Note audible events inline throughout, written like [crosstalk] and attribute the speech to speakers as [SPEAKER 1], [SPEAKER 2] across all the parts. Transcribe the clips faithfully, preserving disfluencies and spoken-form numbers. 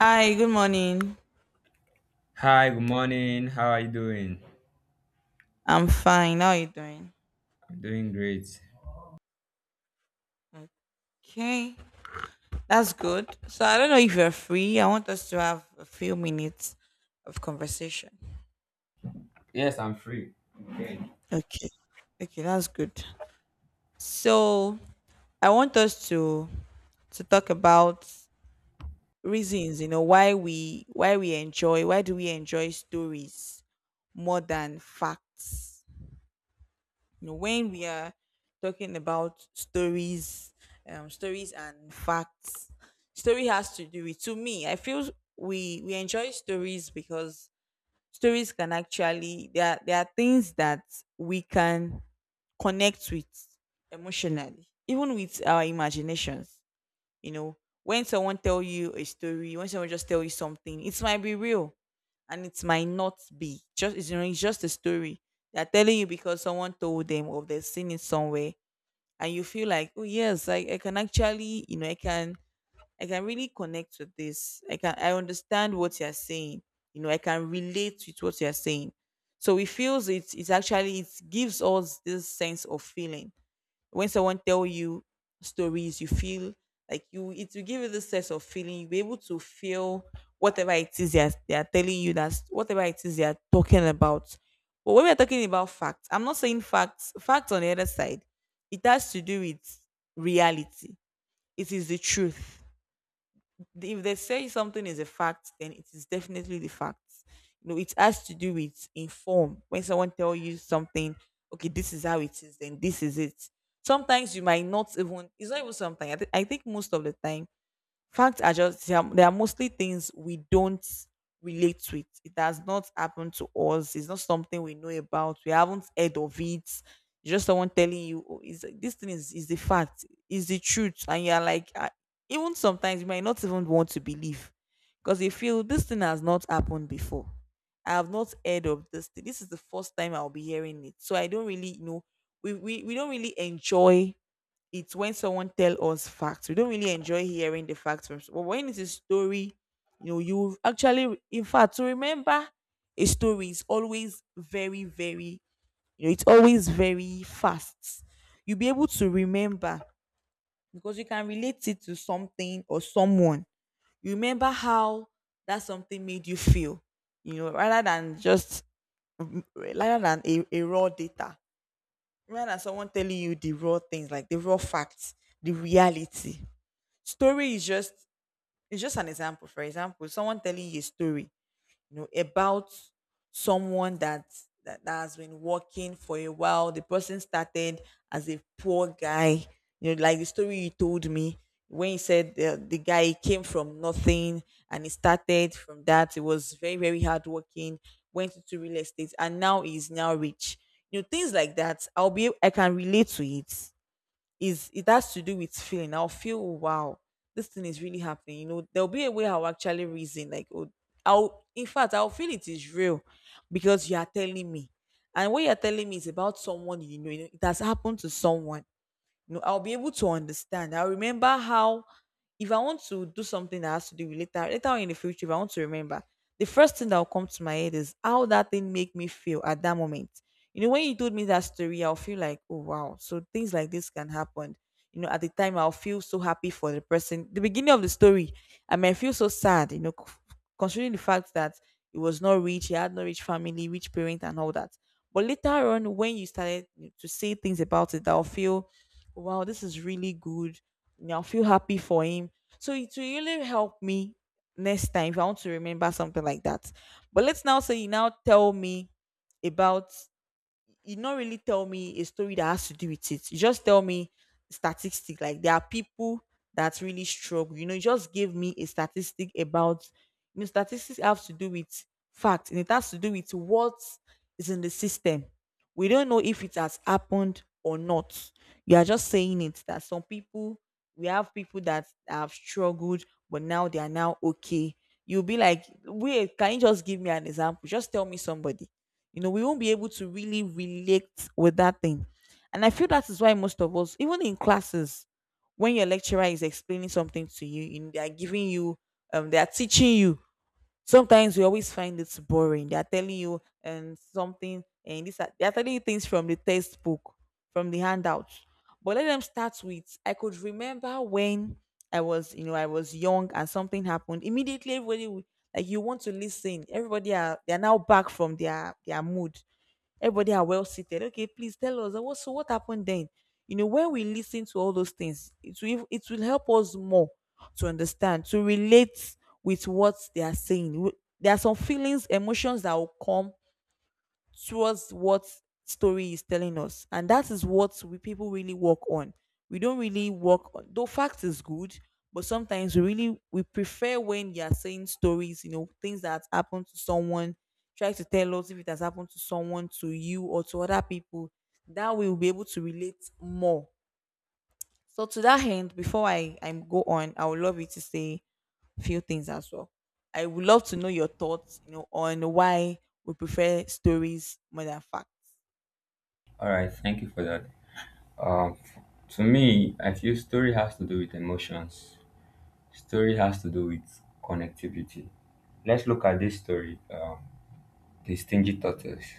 [SPEAKER 1] Hi, good morning.
[SPEAKER 2] Hi, good morning. How are you doing?
[SPEAKER 1] I'm fine. How are you doing?
[SPEAKER 2] I'm doing great.
[SPEAKER 1] Okay, that's good. So I don't know if you're free. I want us to have a few minutes of conversation.
[SPEAKER 2] Yes, I'm free. Okay.
[SPEAKER 1] Okay. Okay, that's good. So I want us to to talk about reasons, you know, why we why we enjoy, why do we enjoy stories more than facts? You know, when we are talking about stories, um, stories and facts, story has to do with. To me, I feel we we enjoy stories because stories can actually there are, there are things that we can connect with emotionally, even with our imaginations, you know, when someone tell you a story, when someone just tell you something, it might be real and it might not be. Just it's, you know, it's just a story. They're telling you because someone told them or they've seen it somewhere, and you feel like, oh yes, I, I can actually, you know, I can I can really connect with this. I can I understand what you're saying. You know, I can relate with what you're saying. So it feels it's it's actually it gives us this sense of feeling when someone tell you stories you feel like you it will give you this sense of feeling. You'll be able to feel whatever it is they are, they are telling you, that's whatever it is they are talking about. But when we're talking about facts, I'm not saying facts facts on the other side, it has to do with reality. It is the truth. If they say something is a fact, then it is definitely the fact. You know, it has to do with inform. When someone tell you something, okay, this is how it is, then this is it. Sometimes you might not even. It's not even sometimes. I, thi- I think most of the time facts are just they are, they are mostly things we don't relate to it. It has not happened to us. It's not something we know about. We haven't heard of it. It's just someone telling you, oh, is this thing is is the fact, is the truth, and you're like, "Ah," even sometimes you might not even want to believe because you feel this thing has not happened before. I have not heard of this thing. This is the first time I'll be hearing it, so I don't really you know. We we we don't really enjoy it's when someone tell us facts. We don't really enjoy hearing the facts from. But when it's a story, you know, you actually, in fact, to remember a story is always very, very, you know, it's always very fast. You'll be able to remember because you can relate it to something or someone. You remember how that something made you feel, you know, rather than just mm, rather than a, a raw data, rather than someone telling you the raw things like the raw facts, the reality. Story is just it's just an example. For example, someone telling you a story, you know, about someone that that, that has been working for a while. The person started as a poor guy, you know, like the story you told me when you said the, the guy came from nothing and he started from that. He was very very hardworking. Went into real estate and now he's now rich. You know, things like that. i'll be I can relate to it. Is it has to do with feeling. I'll feel wow, this thing is really happening. You know, there'll be a way I'll actually reason like, oh, I'll in fact I'll feel it is real, because you are telling me, and what you are telling me is about someone you know. It has happened to someone. No, I'll be able to understand. I'll remember how, if I want to do something that has to do with later, later on in the future, if I want to remember, the first thing that will come to my head is how that thing make me feel at that moment. You know, when you told me that story, I'll feel like, oh wow, so things like this can happen. You know, at the time I'll feel so happy for the person. The beginning of the story, I may feel so sad, you know, c- considering the fact that it was not rich, he had no rich family, rich parent, and all that. But later on, when you started to say things about it, I'll feel wow, this is really good. And I'll feel happy for him. So it will really help me next time if I want to remember something like that. But let's now say you now tell me about, you not really tell me a story that has to do with it. You just tell me statistic. Like there are people that really struggle. You know, you just give me a statistic about, you know, statistics have to do with facts, and it has to do with what is in the system. We don't know if it has happened or not. You are just saying it that some people, we have people that have struggled, but now they are now okay. You'll be like, wait, can you just give me an example? Just tell me somebody. You know we won't be able to really relate with that thing. And I feel that is why most of us, even in classes, when your lecturer is explaining something to you in they are giving you, um they are teaching you, sometimes we always find it boring. They are telling you and something, and this are- they are telling you things from the textbook, from the handout. But let them start with. I could remember when I was, you know, I was young and something happened. Immediately, everybody w- like you want to listen. Everybody are they are now back from their their mood. Everybody are well seated. Okay, please tell us, uh, what so what happened then? You know, when we listen to all those things, it will it will help us more to understand, to relate with what they are saying. W- there are some feelings, emotions that will come towards what story is telling us, and that is what we people really work on. We don't really work on, though fact is good, but sometimes we really we prefer when you're saying stories, you know, things that happened to someone. Try to tell us if it has happened to someone, to you or to other people. That way we'll be able to relate more. So to that end, before i i go on, I would love you to say a few things as well. I would love to know your thoughts, you know on why we prefer stories more than facts.
[SPEAKER 2] All right, thank you for that. Um, to me, I feel story has to do with emotions. Story has to do with connectivity. Let's look at this story, um, the stingy tortoise,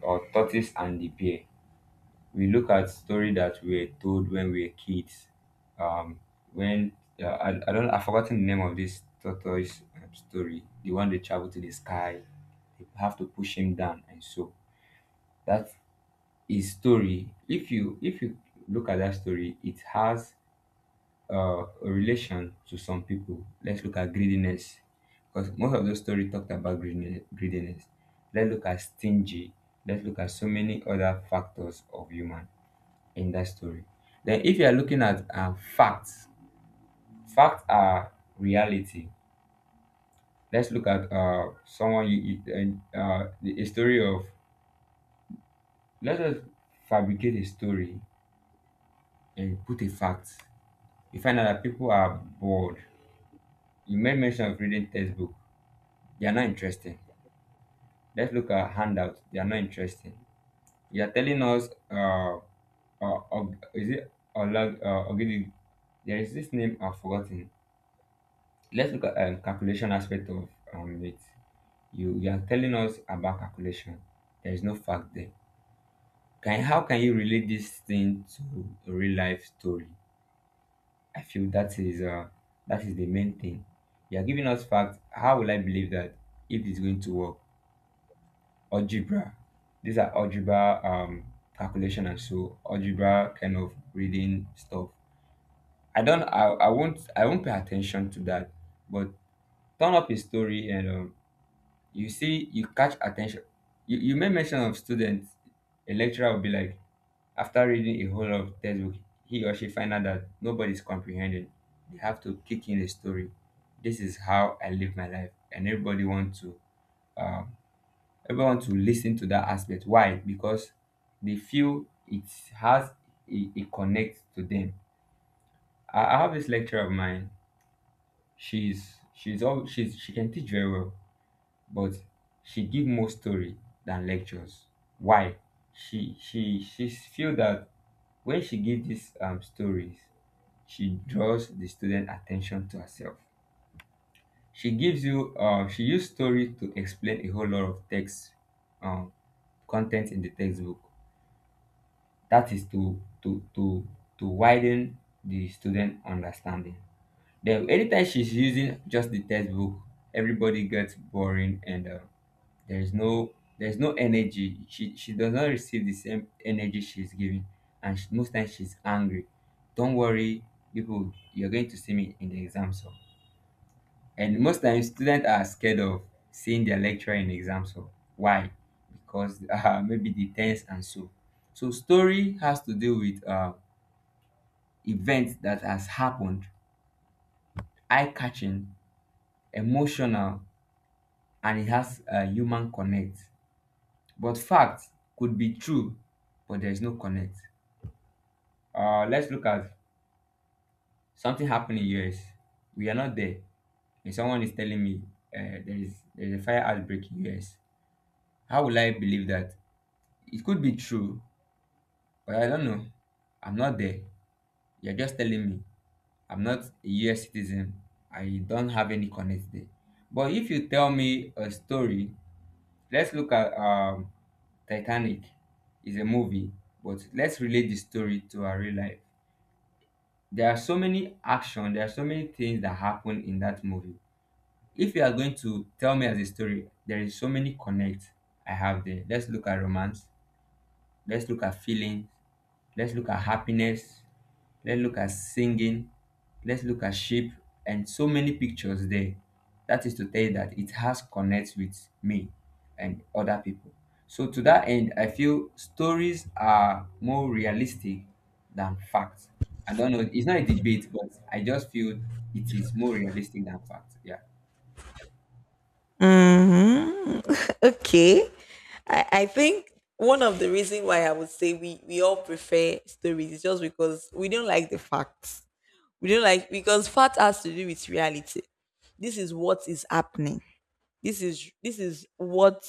[SPEAKER 2] or tortoise and the bear. We look at story that we were told when we were kids. Um, when uh, I, I don't, I've forgotten the name of this tortoise um, story. The one they travel to the sky, they have to push him down, and so that is story. If you if you look at that story, it has uh, a relation to some people. Let's look at greediness, because most of those story talked about greediness. greediness. Let's look at stingy. Let's look at so many other factors of human in that story. Then, if you are looking at um, facts, facts are reality. Let's look at uh, someone you, you uh, uh, the- a story of. Let us fabricate a story and put a fact. You find out that people are bored. You made mention of reading textbook. They are not interesting. Let's look at handouts. They are not interesting. You are telling us, uh, uh, Og- is it Olag, uh, Ogidi? There is this name I've forgotten. Let's look at um, calculation aspect of um, it. You you are telling us about calculation. There is no fact there. Can how can you relate this thing to a real life story? I feel that is uh that is the main thing. You are giving us facts. How will I believe that if it's going to work? Algebra. These are algebra um calculation, and so algebra kind of reading stuff. I don't I, I won't I won't pay attention to that. But turn up a story, and um, you see, you catch attention. You, you made mention of students. A lecturer will be like, after reading a whole of textbook, he or she find out that nobody's comprehending. They have to kick in a story. This is how I live my life, and everybody want to um, everyone want to listen to that aspect. Why? Because they feel it has it, it connects to them. I, I have this lecturer of mine. She's she's all she's she can teach very well, but she give more story than lectures. Why? She she she feel that when she give these um, stories, she draws the student attention to herself. She gives you, uh, she use story to explain a whole lot of text, um, content in the textbook. That is to to to to widen the student understanding. Then anytime she's using just the textbook, everybody gets boring, and uh, there is no there's no energy. She she does not receive the same energy she's giving. And she, most times she's angry, "Don't worry people, you're going to see me in the exam hall." And most times students are scared of seeing their lecturer in the exam hall. Why? Because [laughs] uh, maybe the tense, and so so story has to do with uh, events that has happened, eye-catching, emotional, and it has a human connect. But facts could be true, but there is no connect. Uh, let's look at something happened in U S. We are not there, and someone is telling me, uh, there is there is a fire outbreak in U S. How will I believe that? It could be true, but I don't know. I'm not there. You're just telling me. I'm not a U S citizen. I don't have any connect there. But if you tell me a story, let's look at um, Titanic. It's a movie, but let's relate the story to our real life. There are so many action, there are so many things that happen in that movie. If you are going to tell me as a story, there is so many connect I have there. Let's look at romance. Let's look at feelings. Let's look at happiness. Let's look at singing. Let's look at sheep and so many pictures there. That is to tell you that it has connects with me and other people. So to that end, I feel stories are more realistic than facts. I don't know. It's not a debate, but I just feel it is more realistic than facts. Yeah.
[SPEAKER 1] Mhm. [laughs] Okay. I, I think one of the reason why I would say we, we all prefer stories is just because we don't like the facts. We don't like because fact has to do with reality. This is what is happening. This is this is what,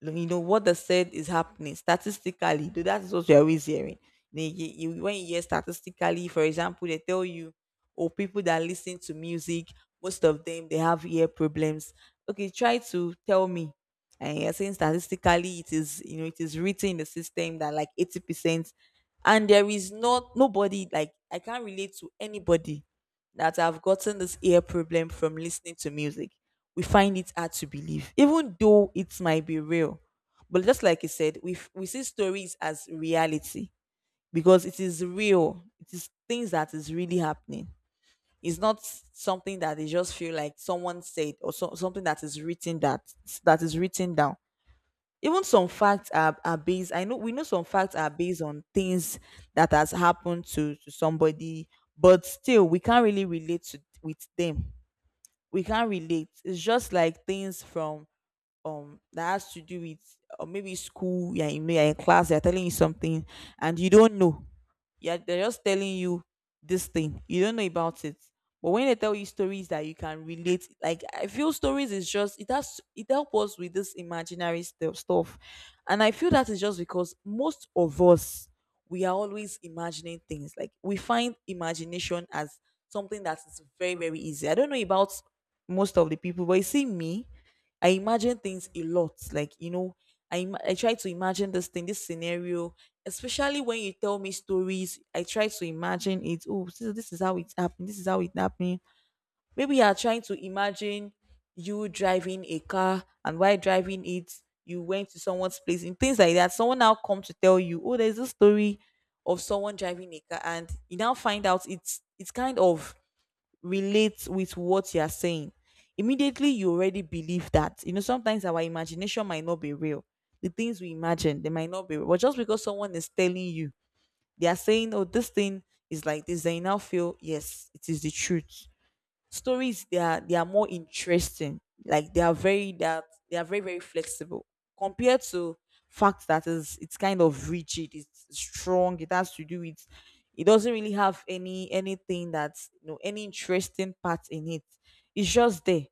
[SPEAKER 1] you know what they said is happening statistically. Though that is what you're always hearing. They- you- you- when you hear statistically, for example, they tell you, oh, people that listen to music, most of them they have ear problems. Okay, try to tell me. And you're saying statistically, it is, you know it is written in the system that like eighty percent, and there is not nobody like I can't relate to anybody that have gotten this ear problem from listening to music. We find it hard to believe, even though it might be real. But just like I said, we f- we see stories as reality because it is real. It is things that is really happening. It's not s- something that they just feel like someone said or so, something that is written that that is written down. Even some facts are, are based. I know we know some facts are based on things that has happened to, to somebody, but still we can't really relate to with them. We can't relate. It's just like things from, um that has to do with, or maybe school, yeah, you know, you're in class, they're telling you something and you don't know. Yeah, they're just telling you this thing, you don't know about it. But when they tell you stories that you can relate, like, I feel stories is just it has it help us with this imaginary stu- stuff. And I feel that is just because most of us, we are always imagining things, like we find imagination as something that is very very easy. I don't know about most of the people, but you see me, I imagine things a lot. Like, you know, I, im- I try to imagine this thing, this scenario, especially when you tell me stories. I try to imagine it. Oh, so this is how it happened. This is how it happened. Maybe you are trying to imagine you driving a car, and while driving it, you went to someone's place and things like that. Someone now come to tell you, oh, there's a story of someone driving a car, and you now find out it's it's kind of relate with what you're saying. Immediately, you already believe that. You know, sometimes our imagination might not be real. The things we imagine, they might not be real. But just because someone is telling you, they are saying, oh, this thing is like this, then you now feel, yes, it is the truth. Stories they are they are more interesting. Like they are very that they are very very flexible compared to fact that is it's kind of rigid. It's strong. It has to do with. It doesn't really have any anything that's, you know, any interesting part in it. It's just there.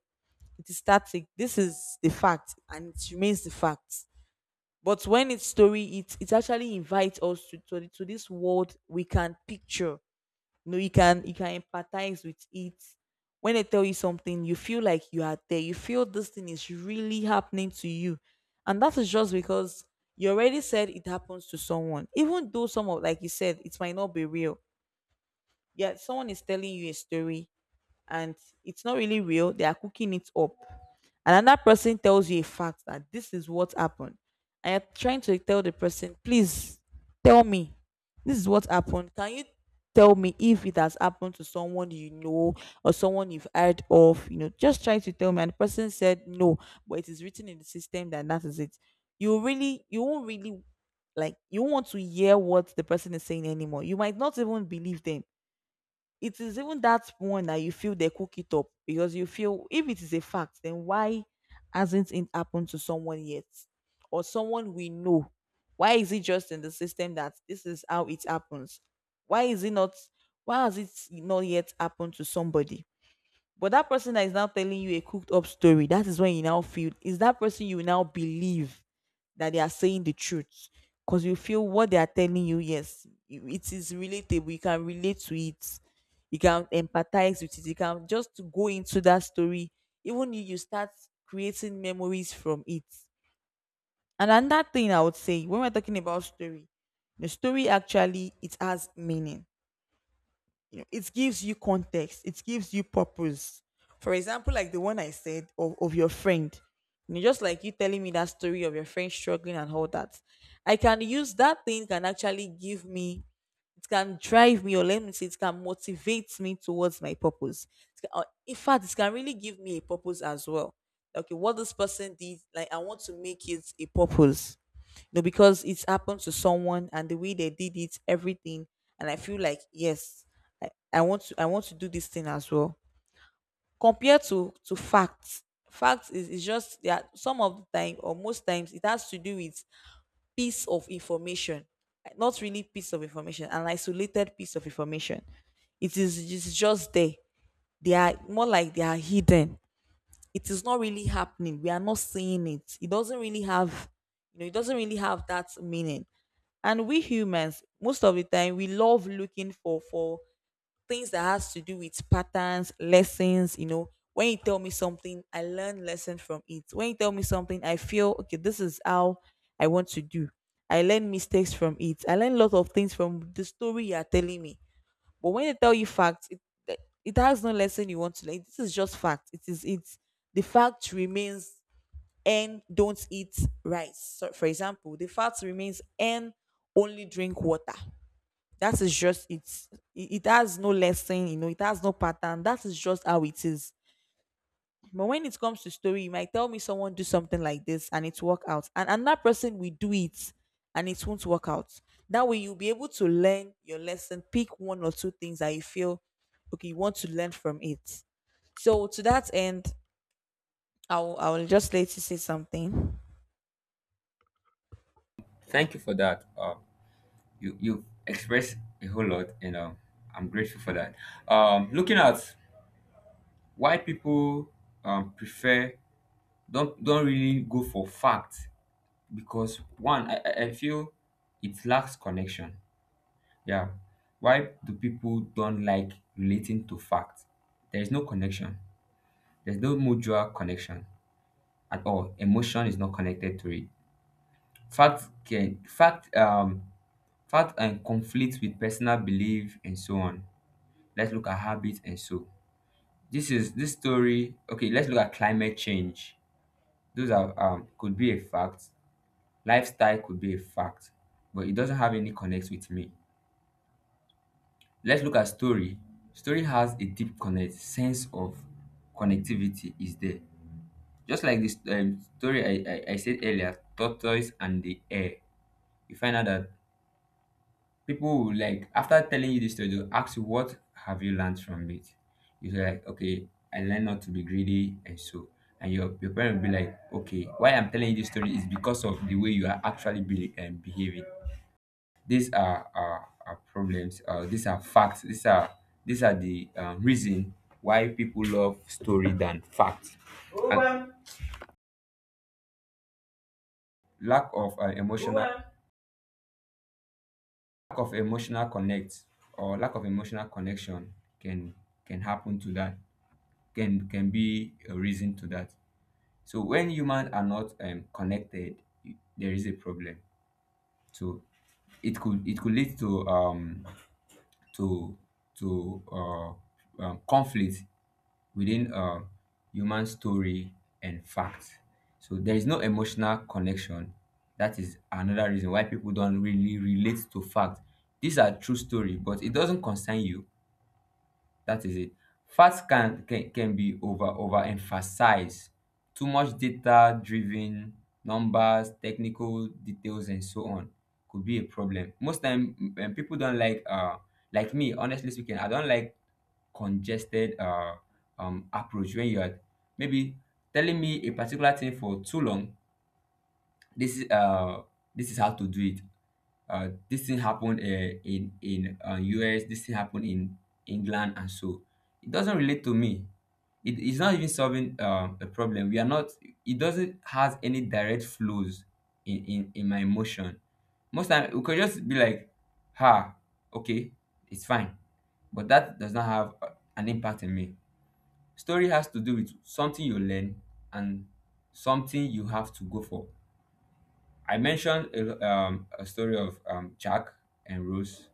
[SPEAKER 1] It is static. This is the fact, and it remains the fact. But when it's story, it it actually invites us to to, the- to this world we can picture, no, you can you can empathize with it. When they tell you something, you feel like you are there. You feel this thing is really happening to you. And that is just because you already said it happens to someone. Even though some of, like you said, it might not be real. Yeah, someone is telling you a story and it's not really real. They are cooking it up. Another person tells you a fact that this is what happened. And you're trying to tell the person, please tell me, this is what happened. Can you tell me if it has happened to someone you know or someone you've heard of? You know, just try to tell me. And the person said no, but it is written in the system that that is it. You really, you won't really, like, you won't want to hear what the person is saying anymore. You might not even believe them. It is even that one that you feel they cook it up, because you feel if it is a fact, then why hasn't it happened to someone yet, or someone we know? Why is it just in the system that this is how it happens? Why is it not? Why has it not yet happened to somebody? But that person that is now telling you a cooked up story, that is when you now feel is that person you now believe, that they are saying the truth, because you feel what they are telling you, yes, you- it is relatable, you can relate to it, you can empathize with it, you can just go into that story, even if you start creating memories from it. And another thing I would say, when we're talking about story, the story actually, it has meaning. You know, it gives you context, it gives you purpose. For example, like the one I said of, of your friend, you know, just like you telling me that story of your friend struggling and all that, I can use that thing, can actually give me, it can drive me, or let me say, it can motivate me towards my purpose. It can- or in fact, it can really give me a purpose as well. Okay, what this person did, like I want to make it a purpose no, because it's happened to someone and the way they did it, everything. And I feel like, yes, I, I want to I want to do this thing as well. Compared to to facts. Facts is, is just that, some of the time or most times, it has to do with piece of information. Not really piece of information, an isolated piece of information. It is it's just there. They are more like they are hidden. It is not really happening. We are not seeing it. It doesn't really have, you know, it doesn't really have that meaning. And we humans, most of the time, we love looking for for things that has to do with patterns, lessons. You know, when you tell me something, I learn lesson from it. When you tell me something, I feel okay, this is how I want to do. I learn mistakes from it. I learn a lot of things from the story you are telling me. But when they tell you facts, it, it has no lesson you want to learn. This is just fact. It is it's the fact remains N don't eat rice. So for example, the fact remains N only drink water. That is just it. It. It has no lesson, you know, it has no pattern. That is just how it is. But when it comes to story, you might tell me someone do something like this and it work out. And another person will do it and it won't work out. That way you'll be able to learn your lesson, pick one or two things that you feel okay, you want to learn from it. So to that end, I'll I'll just let you say something.
[SPEAKER 2] Thank you for that. Um, you you expressed a whole lot, and um, I'm grateful for that. Um, looking at why people um prefer don't don't really go for fact, because one, I, I I feel it lacks connection. Yeah. Why do people don't like relating to fact? There is no connection. There's no mutual connection at all. Emotion is not connected to it. Fact can fact um fact and conflict with personal belief, and so on. Let's look at habits, and so. This is this story. Okay, let's look at climate change. Those are, um could be a fact. Lifestyle could be a fact, but it doesn't have any connect with me. Let's look at story. Story has a deep connect, sense of connectivity is there. Just like this um, story I, I, I said earlier, tortoise and the hare. You find out that people will, like, after telling you this story, they'll ask you what have you learned from it. You say like, okay, I learned not to be greedy, and so. And your, your parent will be like, okay, why I'm telling you this story is because of the way you are actually be, um, behaving. These are are, are problems. Uh, these are facts. These are these are the um, reason why people love story than facts. And lack of uh, emotional, lack of emotional connect, or lack of emotional connection can can happen to that, can can be a reason to that. So when humans are not um, connected, there is a problem. So it could it could lead to um to to uh, um, conflict within um, human story and fact. So there is no emotional connection. That is another reason why people don't really relate to fact. These are true story, but it doesn't concern you. That is it. Facts can can, can be over overemphasized. Too much data driven numbers, technical details, and so on could be a problem. Most time, mm, eh, people don't like, uh like me. Honestly speaking, I don't like congested uh um approach when you're maybe telling me a particular thing for too long. This is uh this is how to do it. Uh, this thing happened uh, in in uh, U S, this thing happened in England, and so it doesn't relate to me. It is not even solving um, a problem. We are not. It doesn't has any direct flows in in, in my emotion. Most time we could just be like, "Ha, okay, it's fine," but that does not have uh, an impact in me. Story has to do with something you learn, and something you have to go for. I mentioned a, um, a story of um, Jack and Rose.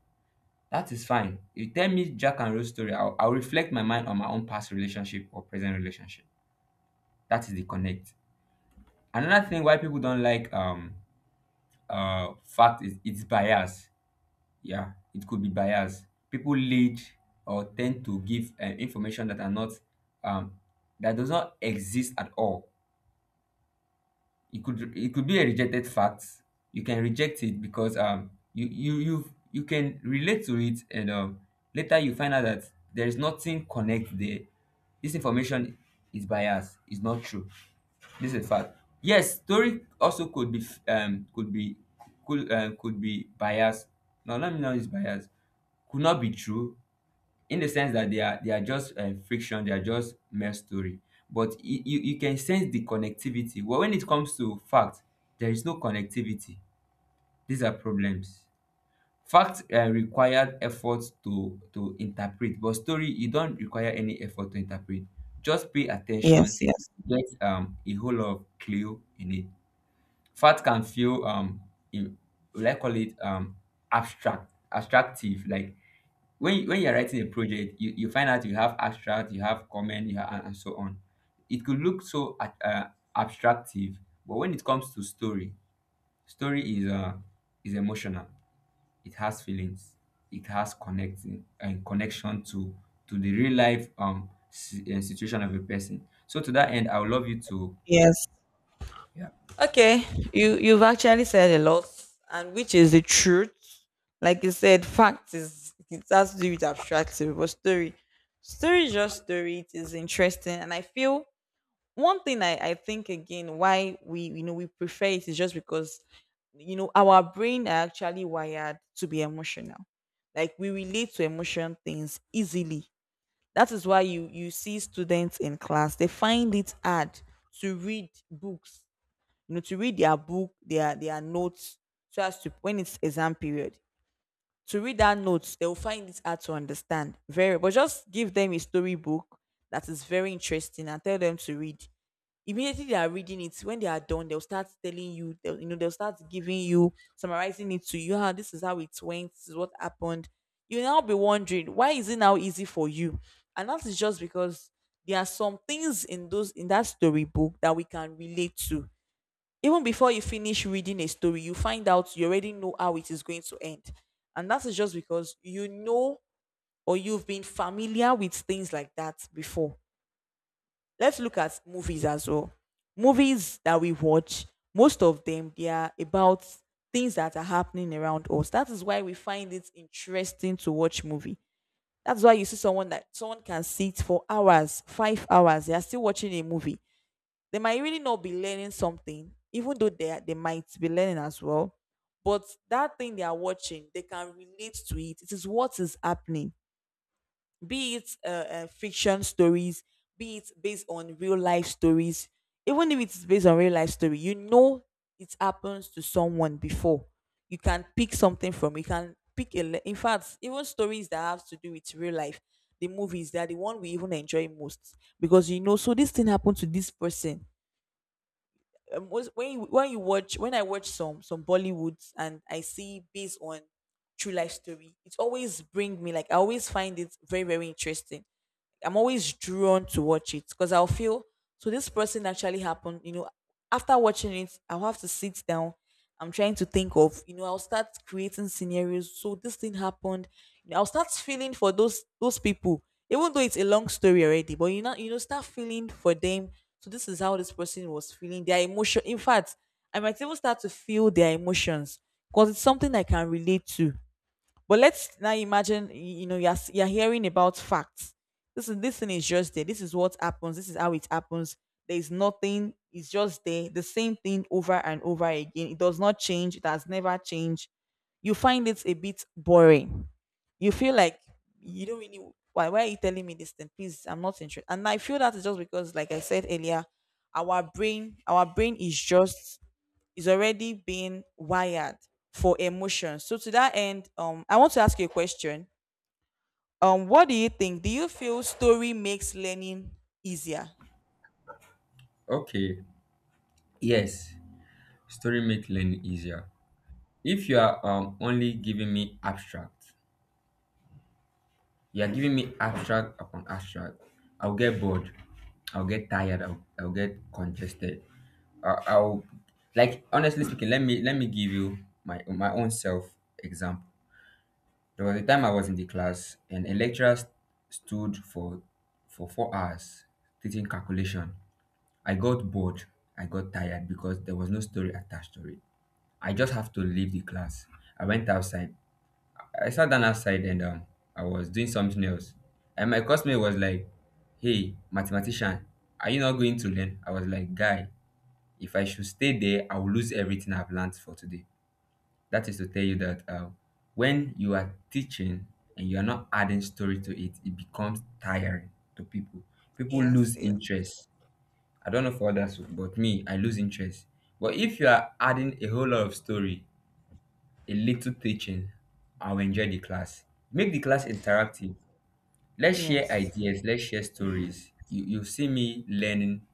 [SPEAKER 2] That is fine. You tell me Jack and Rose story, I'll, I'll reflect my mind on my own past relationship or present relationship. That is the connect. Another thing why people don't like um uh fact is it's bias. Yeah, it could be bias. People lead or tend to give uh, information that are not, um that does not exist at all. It could it could be a rejected fact. You can reject it because um you you you you can relate to it, and um later you find out that there is nothing connect there. This information is biased, it's not true. This is a fact. Yes, story also could be f- um could be could um, could be biased. Now, let me know is biased, could not be true, in the sense that they are they are just um, friction, they are just mere story. But you, you you can sense the connectivity well. When it comes to fact, there is no connectivity. These are problems. Fact uh, required effort to to interpret, but story, you don't require any effort to interpret. Just pay
[SPEAKER 1] Yes,
[SPEAKER 2] attention.
[SPEAKER 1] yes.
[SPEAKER 2] Get um a whole lot of clue in it. Fact can feel, um in, will I call it um abstract, abstractive, like when you, when you're writing a project, you, you find out you have abstract, you have comment, you have, and, and so on. It could look so ab- uh, abstractive. But when it comes to story, story is uh is emotional. It has feelings, it has connecting and connection to to the real life, um si- uh, situation of a person. So to that end, I would love you to.
[SPEAKER 1] Yes.
[SPEAKER 2] Yeah.
[SPEAKER 1] Okay. You you've actually said a lot, and which is the truth. Like you said, fact is it has to do with abstractive, but story, story is just story. It is interesting, and I feel one thing I I think again, why we, you know, we prefer it is just because, you know, our brain are actually wired to be emotional. Like we relate to emotion things easily. That is why you you see students in class, they find it hard to read books, you know, to read their book, their their notes, so as to when it's exam period, to read that notes, they will find it hard to understand. Very, but just give them a storybook that is very interesting and tell them to read. Immediately they are reading it, when they are done, they'll start telling you, they'll, you know, they'll start giving you, summarizing it to you. How this is how it went, this is what happened. You now be wondering why is it now easy for you, and that is just because there are some things in those in that storybook that we can relate to. Even before you finish reading a story, you find out you already know how it is going to end. And that is just because you know, or you've been familiar with things like that before. Let's look at movies as well. Movies that we watch, most of them they are about things that are happening around us. That is why we find it interesting to watch movie. That's why you see someone that someone can sit for hours, five hours, they are still watching a movie. They might really not be learning something, even though they are, they might be learning as well. But that thing they are watching, they can relate to it. It is what is happening, be it uh, uh, fiction stories, be it based on real life stories. Even if it's based on real life story, you know it happens to someone before. You can pick something from. You can pick a. le- In fact, even stories that have to do with real life, the movies they are the one we even enjoy most because you know. So this thing happened to this person um, was- when you when you watch when I watch some some Bollywoods and I see based on true life story, it always bring me, like, I always find it very very interesting. I'm always drawn to watch it because I'll feel so this person actually happened, you know, after watching it, I'll have to sit down. I'm trying to think of, you know, I'll start creating scenarios. So this thing happened. You know, I'll start feeling for those those people, even though it's a long story already, but you know, you know, start feeling for them. So this is how this person was feeling, their emotion. In fact, I might even start to feel their emotions because it's something I can relate to. But let's now imagine, y- you know, you're, s- you're hearing about facts. This is, this thing is just there. This is what happens. This is how it happens. There is nothing. It's just there. The same thing over and over again. It does not change. It has never changed. You find it a bit boring. You feel like you don't really. Why? Why are you telling me this thing? Please, I'm not interested. And I feel that is just because, like I said earlier, our brain, our brain is just is already being wired for emotion. So to that end, um, I want to ask you a question. Um, what do you think? Do you feel story makes learning easier?
[SPEAKER 2] Okay. Yes, story make learning easier. If you are um only giving me abstract. You are giving me abstract upon abstract. I'll get bored. I'll get tired. I'll, I'll get congested. I- I'll, like, honestly speaking, Let me let me give you my my own self example. There was a time I was in the class and a lecturer st- stood for for four hours teaching calculation. I got bored. I got tired because there was no story attached to it. I just have to leave the class. I went outside. I sat down outside and, um, I was doing something else. And my classmate was like, "Hey, mathematician, are you not going to learn?" I was like, "Guy, if I should stay there, I will lose everything I've learned for today." That is to tell you that, uh, when you are teaching and you are not adding story to it, it becomes tiring to people. People
[SPEAKER 1] Yes,
[SPEAKER 2] lose
[SPEAKER 1] yes,
[SPEAKER 2] interest. I don't know for others, but me, I lose interest. But if you are adding a whole lot of story, a little teaching, and we enjoy the class. Make the class interactive. Let's share
[SPEAKER 1] yes,
[SPEAKER 2] ideas, let's share stories. You, you see me learning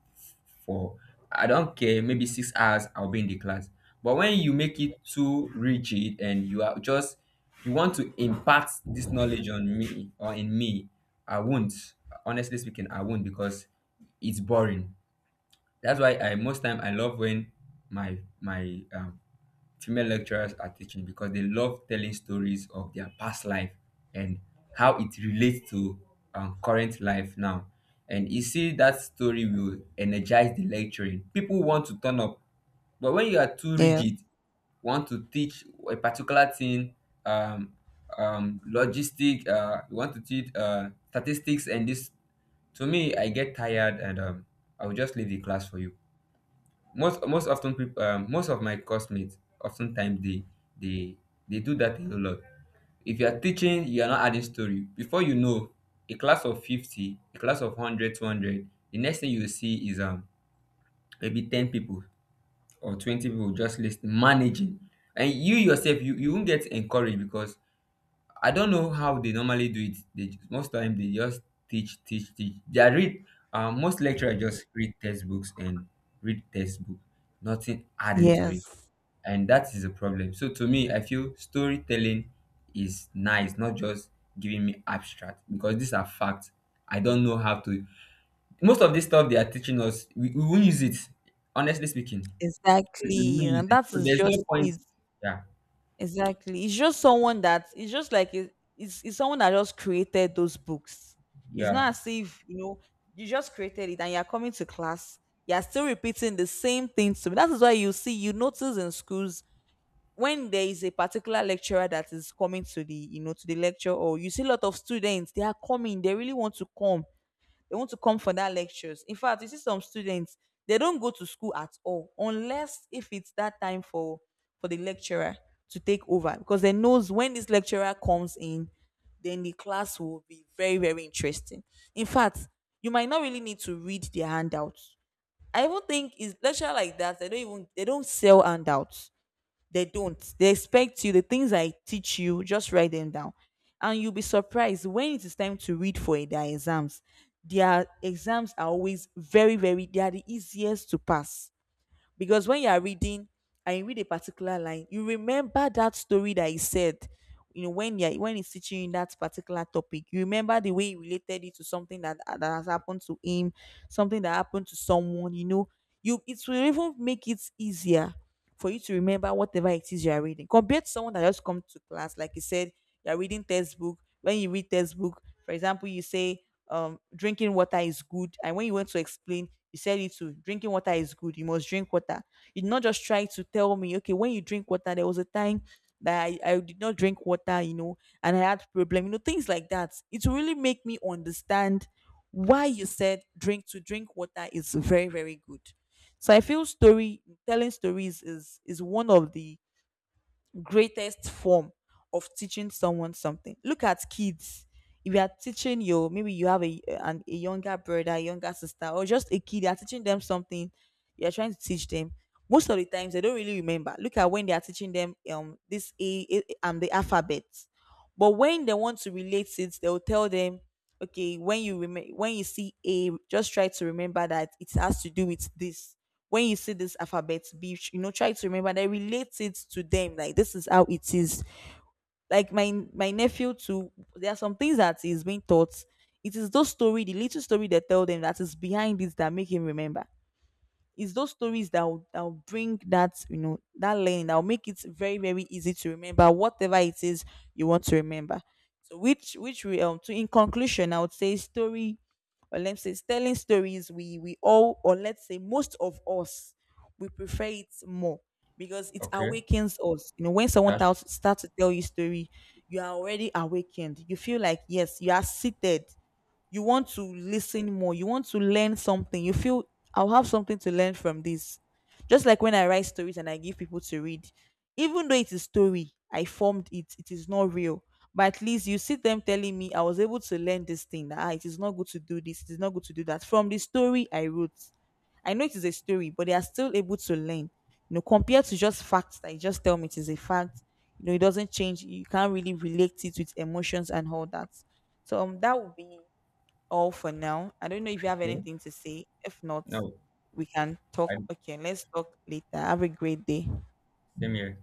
[SPEAKER 2] for, I don't care, maybe six hours, I'll be in the class. But when you make it too rigid, and you are just, you want to impart this knowledge on me or in me, I won't. Honestly speaking, I won't, because it's boring. That's why I most time I love when my my um, female lecturers are teaching, because they love telling stories of their past life, and how it relates to um, current life now. And you see, that story will energize the lecturing. People want to turn up, but when you are too
[SPEAKER 1] yes,
[SPEAKER 2] rigid, want to teach a particular thing, um, um, logistic, uh, you want to teach uh, statistics, and this, to me, I get tired, and um, I will just leave the class for you. Most most often, people, um, most of my classmates, oftentimes they they they do that a whole lot. If you are teaching, you are not adding story. Before you know, a class of fifty, a class of one hundred, two hundred, the next thing you will see is, um maybe ten people or twenty people, just listening, managing. And you yourself, you, you won't get encouraged, because I don't know how they normally do it. They ju- most time they just teach, teach, teach. They are read, um, most lecturers just read textbooks, and read textbook, nothing adding to it.
[SPEAKER 1] yes.
[SPEAKER 2] And that is a problem. So to me, I feel storytelling is nice, not just giving me abstract, because these are facts. I don't know how to. Most of this stuff they are teaching us, we, we won't use it. Honestly speaking, we, we won't
[SPEAKER 1] Exactly,
[SPEAKER 2] use
[SPEAKER 1] and
[SPEAKER 2] it,
[SPEAKER 1] that
[SPEAKER 2] so
[SPEAKER 1] is
[SPEAKER 2] there's
[SPEAKER 1] just
[SPEAKER 2] no point.
[SPEAKER 1] it.
[SPEAKER 2] Yeah.
[SPEAKER 1] Exactly, it's just someone that it's just like it, it's it's someone that just created those books. It's
[SPEAKER 2] Yeah.
[SPEAKER 1] not as if you know you just created it and you're coming to class. You're still repeating the same things to me. That is why you see, you notice in schools when there is a particular lecturer that is coming to the you know to the lecture, or you see a lot of students, they are coming, they really want to come, they want to come for that lectures. In fact, you see some students, they don't go to school at all unless if it's that time for for the lecturer to take over, because they knows when this lecturer comes in, then the class will be very very interesting. In fact, you might not really need to read their handouts. I even think is lecturer like that, they don't even, they don't sell handouts, they don't. They expect you, the things I teach you, just write them down. And you'll be surprised when it is time to read for their exams. Their exams are always very, very, they are the easiest to pass. Because when you are reading and you read a particular line, you remember that story that he said. You know, when you're, when he's teaching you that particular topic, you remember the way he related it to something that, that has happened to him, something that happened to someone, you know, you, it will even make it easier for you to remember whatever it is you are reading, compared to someone that just come to class like you said. You're reading textbook. When you read textbook, for example, you say, um drinking water is good, and when you went to explain, you said it too, drinking water is good, you must drink water. You did not just try to tell me, okay, when you drink water, there was a time that I, I did not drink water, you know, and I had problem, you know, things like that, it will really make me understand why you said drink to drink water is very very good. So I feel story, telling stories is is one of the greatest form of teaching someone something. Look at kids. If you are teaching your, maybe you have a an, a younger brother, a younger sister, or just a kid, you are teaching them something. You are trying to teach them. Most of the times they don't really remember. Look at when they are teaching them um this a, a um the alphabet, but when they want to relate it, they'll tell them, okay, when you rem- when you see A, just try to remember that it has to do with this. When you see this alphabet B, you know, try to remember. They relate it to them, like this is how it is. Like my my nephew too. There are some things that is being taught. It is those story, the little story they tell them that is behind this that make him remember. It's those stories that will, that will bring that, you know, that learning, that will make it very very easy to remember whatever it is you want to remember. So which which we um to in conclusion, I would say story, or let's say telling stories, we we all, or let's say most of us, we prefer it more, because it
[SPEAKER 2] Okay,
[SPEAKER 1] awakens us. You know, when someone
[SPEAKER 2] that's...
[SPEAKER 1] tells starts to tell you story, you are already awakened, you feel like yes, you are seated, you want to listen more, you want to learn something, you feel I'll have something to learn from this. Just like when I write stories and I give people to read, even though it is a story, I formed it, it is not real, but at least you see them telling me I was able to learn this thing, that ah, it is not good to do this, it is not good to do that, from the story I wrote. I know it is a story, but they are still able to learn, you know, compared to just facts that you just tell me it is a fact, you know, it doesn't change, you can't really relate it with emotions and all that. So um, that would be all for now. I don't know if you have
[SPEAKER 2] Okay.
[SPEAKER 1] anything to say. If not,
[SPEAKER 2] No.
[SPEAKER 1] we can talk.
[SPEAKER 2] I,
[SPEAKER 1] Okay, let's talk later. Have a great day.
[SPEAKER 2] same here.